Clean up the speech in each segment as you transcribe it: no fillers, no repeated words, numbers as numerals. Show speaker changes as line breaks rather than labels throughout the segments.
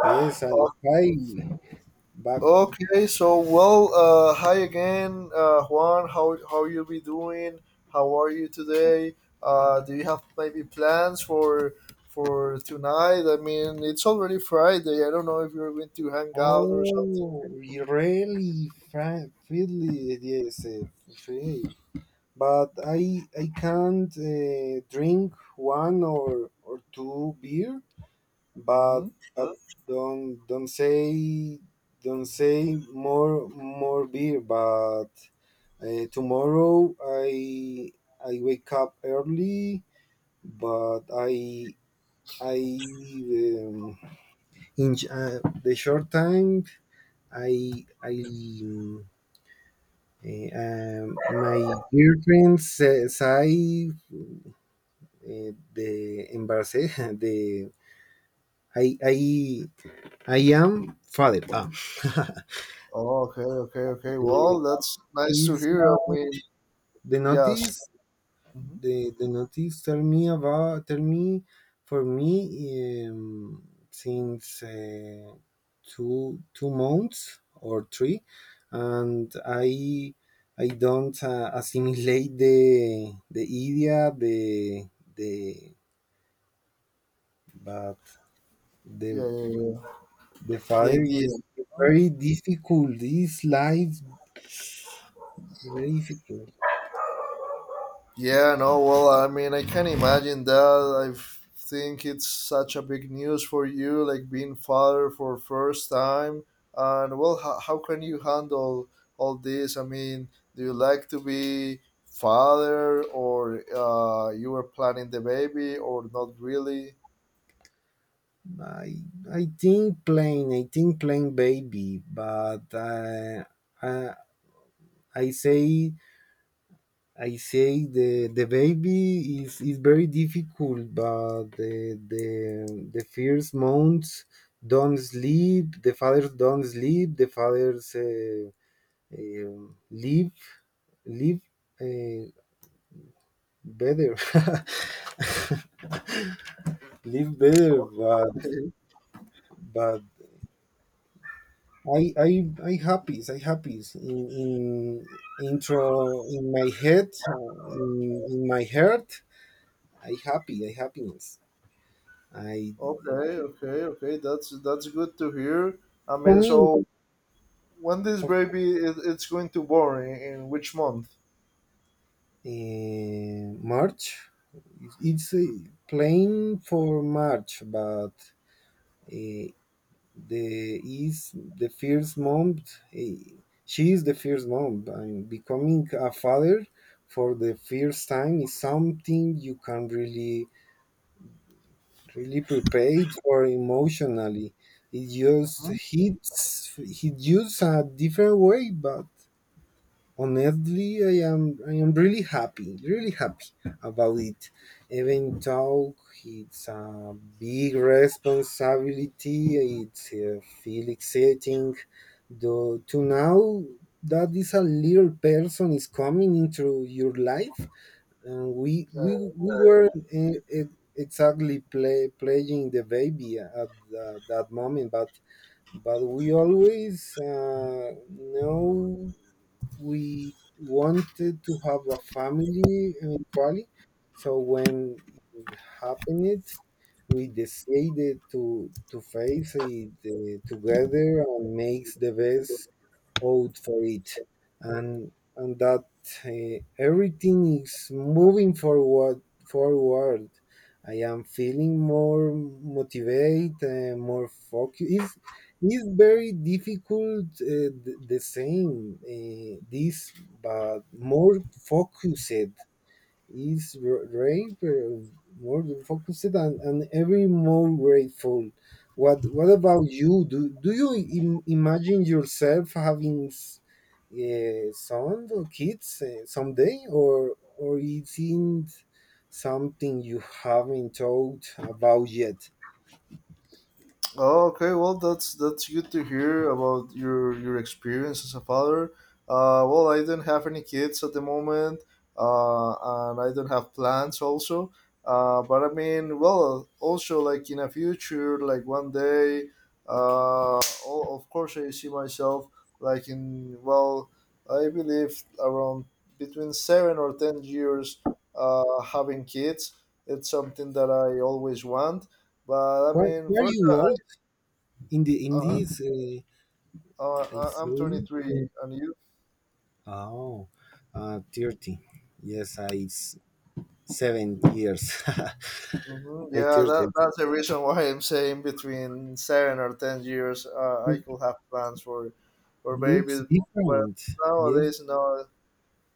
Yes, and
O-
hi back.
Okay, so well, hi again, Juan. How you be doing? How are you today? Do you have maybe plans for tonight? I mean, it's already Friday. I don't know if you're going to hang out or something.
Oh, really, Frank Fiddly, yes, free. But I can't drink one or two beer. But
hmm
but don't say more beer. But tomorrow I wake up early, but I in the short time, I my girlfriend says I the embarrassed the I I I am father. Ah.
Oh, okay, okay, okay.
the,
Well, that's nice to
is,
hear. I
uh,
mean,
the
yes.
notice
hmm
the notice tell me about, tell me for me, since two months or three, and I don't assimilate the idea, the but
Yeah,
the
yeah, yeah.
the
The
father
idea.
is very difficult. This life very difficult.
Yeah, no, well, I mean, I can imagine that. I think it's such a big news for you, like being father for first time. And well, how can you handle all this? I mean, do you like to be father, or you were planning the baby, or not really?
I I think plain baby. But. I, I say I say the baby is very difficult, but the first months don't sleep. The fathers don't sleep. The fathers um live live uh, better, live better. But but I I I happy. I happy in intro in my head, in my heart. I happy. I happiness. I.
Okay, okay, okay. That's good to hear. I
For
mean,
me,
so when this
of-
baby is it's going to born in which month?
March, it's plain for March, but eh, the first month. eh, she is the first month, and becoming a father for the first time is something you can really, really prepare for emotionally. It just hits a different way, but honestly I am really happy, really happy about it, even though it's a big responsibility. It's feel exciting though to now that this a little person is coming into your life, and we were uh, exactly playing the baby at that moment. But we always know we wanted to have a family eventually. So when it happened, we decided to face it together and makes the best out for it, and that everything is moving forward. I am feeling more motivated, more focused. It's very difficult, the same, but more focused. Is rape more focused, and every more grateful. What about you? Do you imagine yourself having son or kids someday, or is it something you haven't thought about yet?
Oh, okay. Well, that's good to hear about your experience as a father. Well, I don't have any kids at the moment, uh, and I don't have plans also. But I mean, well, also like in a future, like one day, of course, I see myself like in well, I believe around between 7 or 10 years, having kids. It's something that I always want. But I
Why
mean,
why are
first,
you
I
old in the in
uh,
this? I
I'm
say,
23, and you?
oh, 30. Yes, 7 years. I
Yeah, that,
30.
that's the reason why I'm saying between 7 or 10 years, I
It
could have plans for
looks
babies, but
different. Yes,
nowadays, no.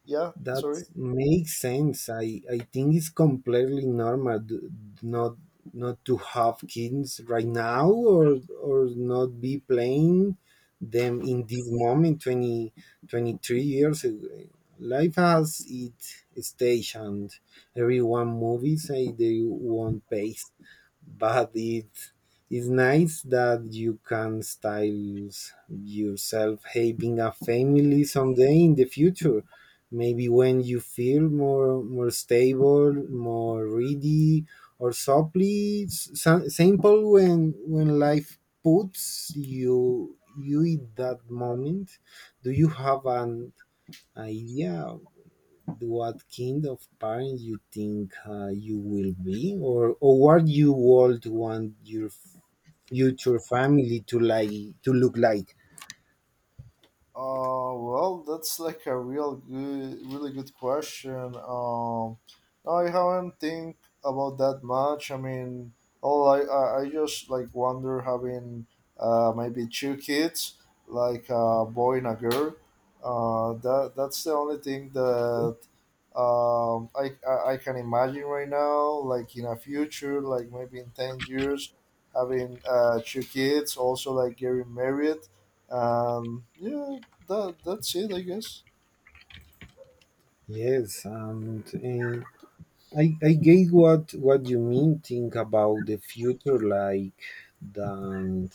Yeah,
that
sorry.
makes sense. I think it's completely normal, not not to have kids right now, or not be playing them in this moment. 20 23 years ago. Life has its stage, and everyone movies say they want pace, but it is nice that you can style yourself having a family someday in the future. Maybe when you feel more stable, more ready, or simply simple, when life puts you in that moment. Do you have an idea what kind of parent you think you will be, or what you would want your future family to like to look like?
Well, that's like a real good, really good question. No, I haven't think about that much. I mean, all I just like wonder having maybe two kids, like a boy and a girl. That that's the only thing that I can imagine right now. Like in a future, like maybe in 10 years, having two kids, also like getting married yeah, that that's it, I guess.
Yes, and I get what you mean. Think about the future, like that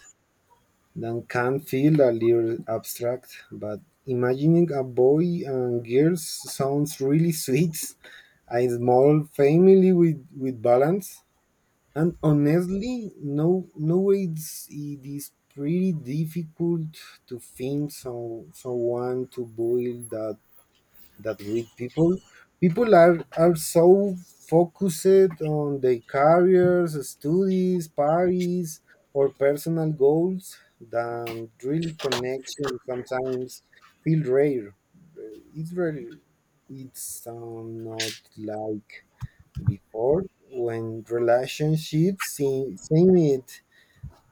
can feel a little abstract, but imagining a boy and girls sounds really sweet, a small family with balance. And honestly, no, nowadays it is pretty difficult to find someone to boil that with people. People are so focused on their careers, studies, parties, or personal goals, that really connection sometimes feel rare. It's really, it's not like before, when relationships seemed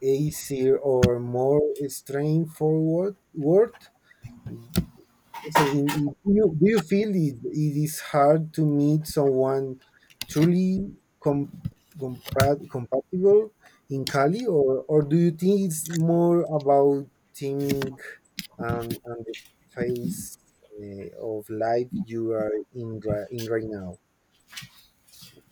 easier or more straightforward. Word. So, do you feel it is hard to meet someone truly com, compatible in Cali? Or do you think it's more about timing and the phase of life you are in, right now?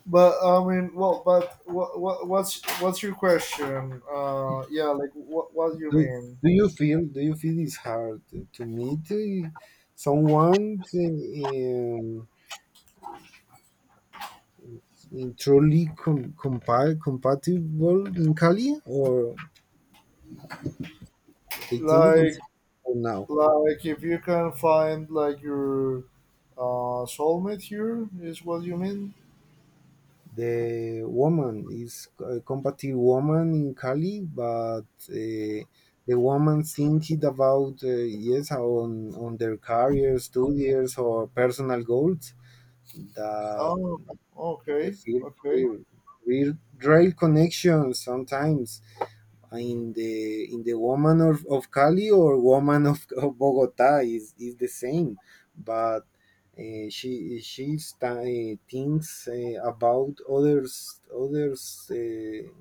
But I mean, well, but what what's your question? Yeah, like what do you
do,
mean?
do you feel it's hard to meet someone, in truly compatible in Cali, or I think it's
Like
for now
like if you can find like your soulmate here is what you mean?
the woman is a compatible woman in Cali. But uh, the woman thinking about, yes, on their career, studies, or personal goals. That
Oh,
the
okay,
field
okay.
here. Rail connection sometimes in the woman of, Cali, or woman of, Bogota, is the same. But thinks about others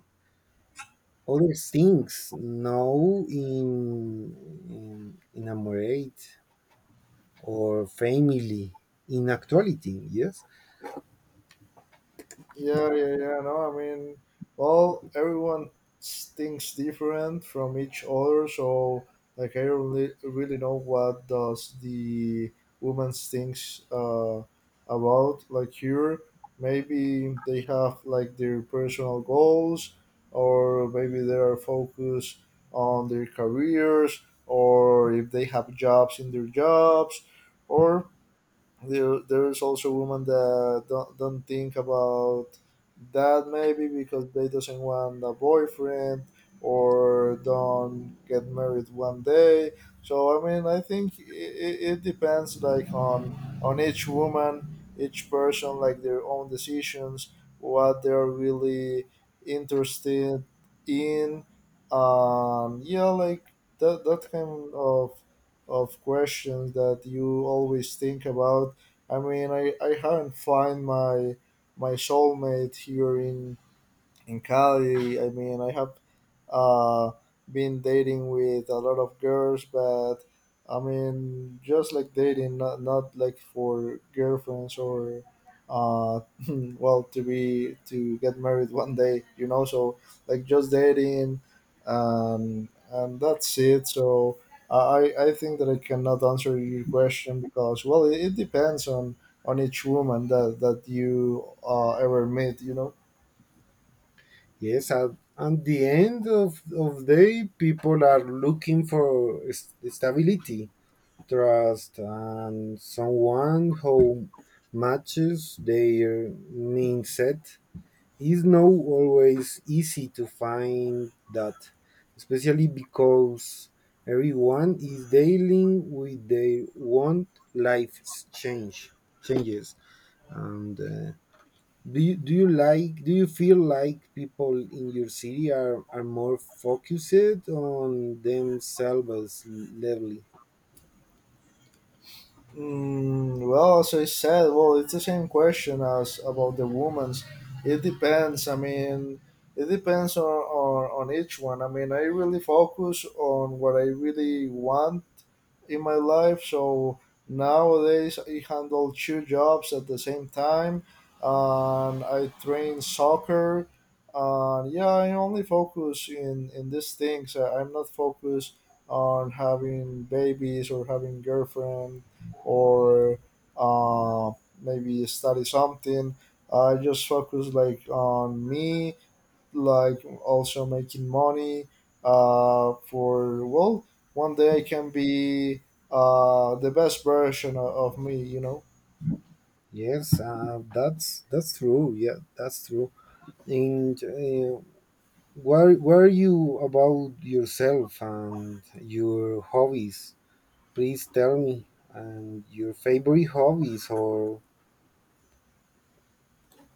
other things now in in a marriage or family, in actuality, yes.
Yeah, yeah, yeah. No, I mean, well, everyone thinks different from each other, so like I really, really know what does the woman thinks about. Like here, maybe they have like their personal goals, or maybe they are focused on their careers, or if they have jobs in their jobs, or there's also women that don't think about that maybe because they doesn't want a boyfriend or don't get married one day. So I mean I think it depends like on each woman, each person, like their own decisions, what they're really interested in. Yeah, like that, that kind of questions that you always think about. I mean, I haven't find my my soulmate here in Cali. I mean, I have uh, been dating with a lot of girls, but I mean, just like dating, not like for girlfriends or uh, well, to be to get married one day, you know. So like just dating, and that's it. So I I think that I cannot answer your question because well, it depends on each woman that that you ever meet, you know.
Yes, at the end of, day, people are looking for stability, trust, and someone who matches their mindset. It's not always easy to find that, especially because everyone is dealing with their own life change changes, and do you feel like people in your city are more focused on themselves levelly?
Mm, well, as I said, well, it's the same question as about the woman's. It depends. I mean, it depends on each one. I mean, I really focus on what I really want in my life. So nowadays I handle two jobs at the same time, and I train soccer. And yeah, I only focus in these things. I'm not focused on having babies or having girlfriend or uh, maybe study something. I just focus like on me, like also making money, for well one day I can be the best version of me, you know.
Yes, that's true, yeah, that's true. And where are you about yourself and your hobbies? Please tell me, and your favorite hobbies? Or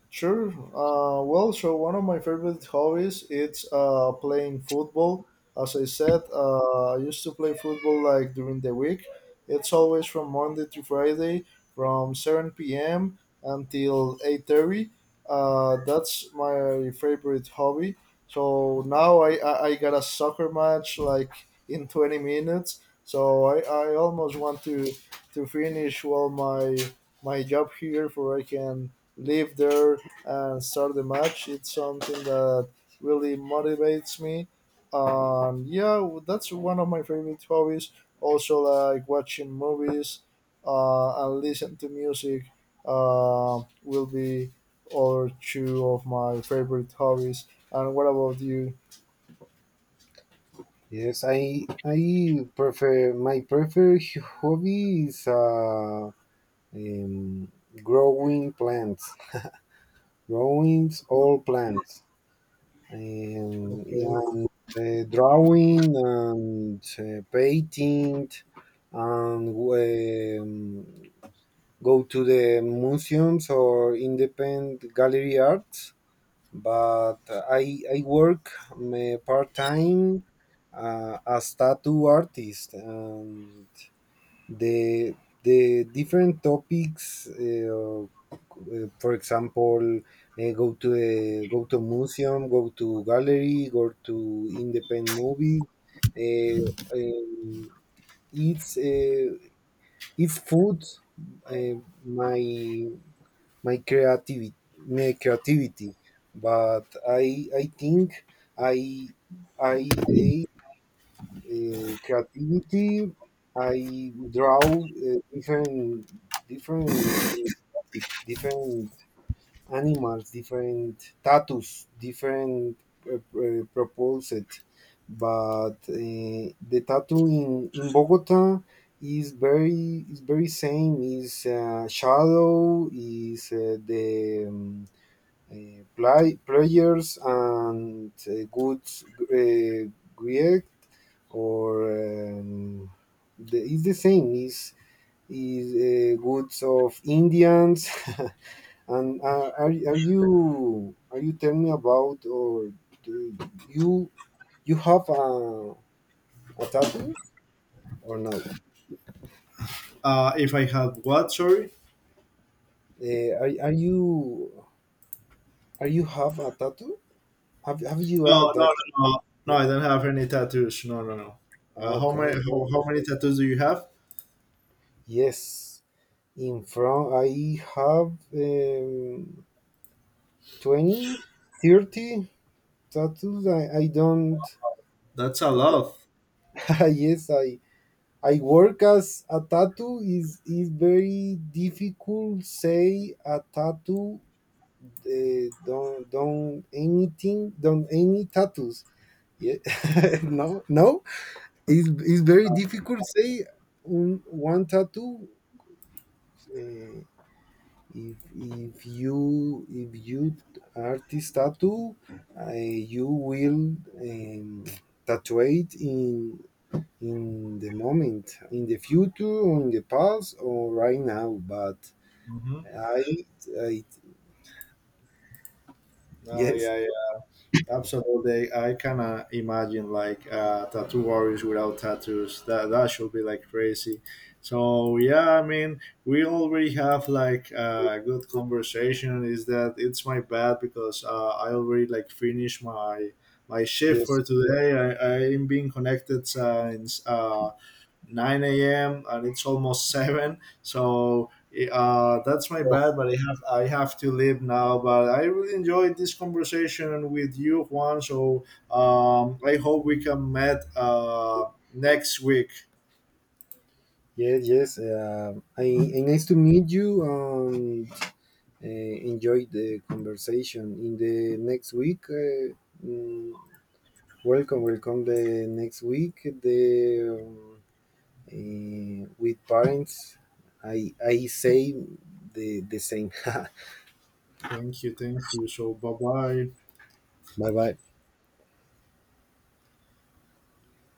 Sure. Well, so one of my favorite hobbies it's playing football. As I said, I used to play football like during the week. It's always from Monday to Friday, from 7 p.m. until 8:30. That's my favorite hobby. So now I got a soccer match like in 20 minutes. So I almost want to finish well my job here, for I can live there and start the match. It's something that really motivates me. Yeah, that's one of my favorite hobbies. Also, like watching movies and listen to music will be other two of my favorite hobbies. And what about you?
yes, I prefer my preferred hobby is um, growing plants, drawings, all plants, um,
Okay.
and drawing, and painting, and go to the museums or independent gallery arts. But I work part time as tattoo artist. The different topics, for example, go to a, museum, go to gallery, go to independent movies, uh, um, it's uh, it's food, uh, my creativity, my creativity but I think, I I creativity. I draw different different uh, different animals, different tattoos, different, proposed. But the tattoo in Bogota is very, is very same. Is shadow. Is the players, and good, uh, great, or, um, the, it's the same. Is goods of Indians, and are you telling me about? Or do you you have a tattoo or no?
If I had what? Sorry.
Are you, are you have a tattoo? Have, you are
No, no,
that?
no, no. No, I don't have any tattoos. No, no, no.
Oh,
How many?
okay.
How many tattoos do you have?
Yes, in front I have 20 30 tattoos. I don't,
That's a
i
lot.
yes, I work as a tattoo is very difficult say a tattoo. Don't anything, don't any tattoos, yeah. No no, it's very difficult say one tattoo. uh, if if you artist tattoo, you will tattoo it in the moment, in the future, or in the past, or right now. But
Mm-hmm.
i, I yes,
Yeah, absolutely. I kind of imagine like tattoo artists without tattoos. That that should be like crazy. So yeah, I mean, we already have like a good conversation. Is that it's my bad because I already like finished my my shift
yes.
for today. I am being connected since 9 a.m. and it's almost 7. So that's my
Oh,
bad, but I have to leave now. But I really enjoyed this conversation with you, Juan. So I hope we can meet next week.
yes, yes, I nice to meet you, and enjoy the conversation in the next week. Mm, welcome the next week the with parents, I say the same. bye
Thank you, thank you. So bye bye.
bye.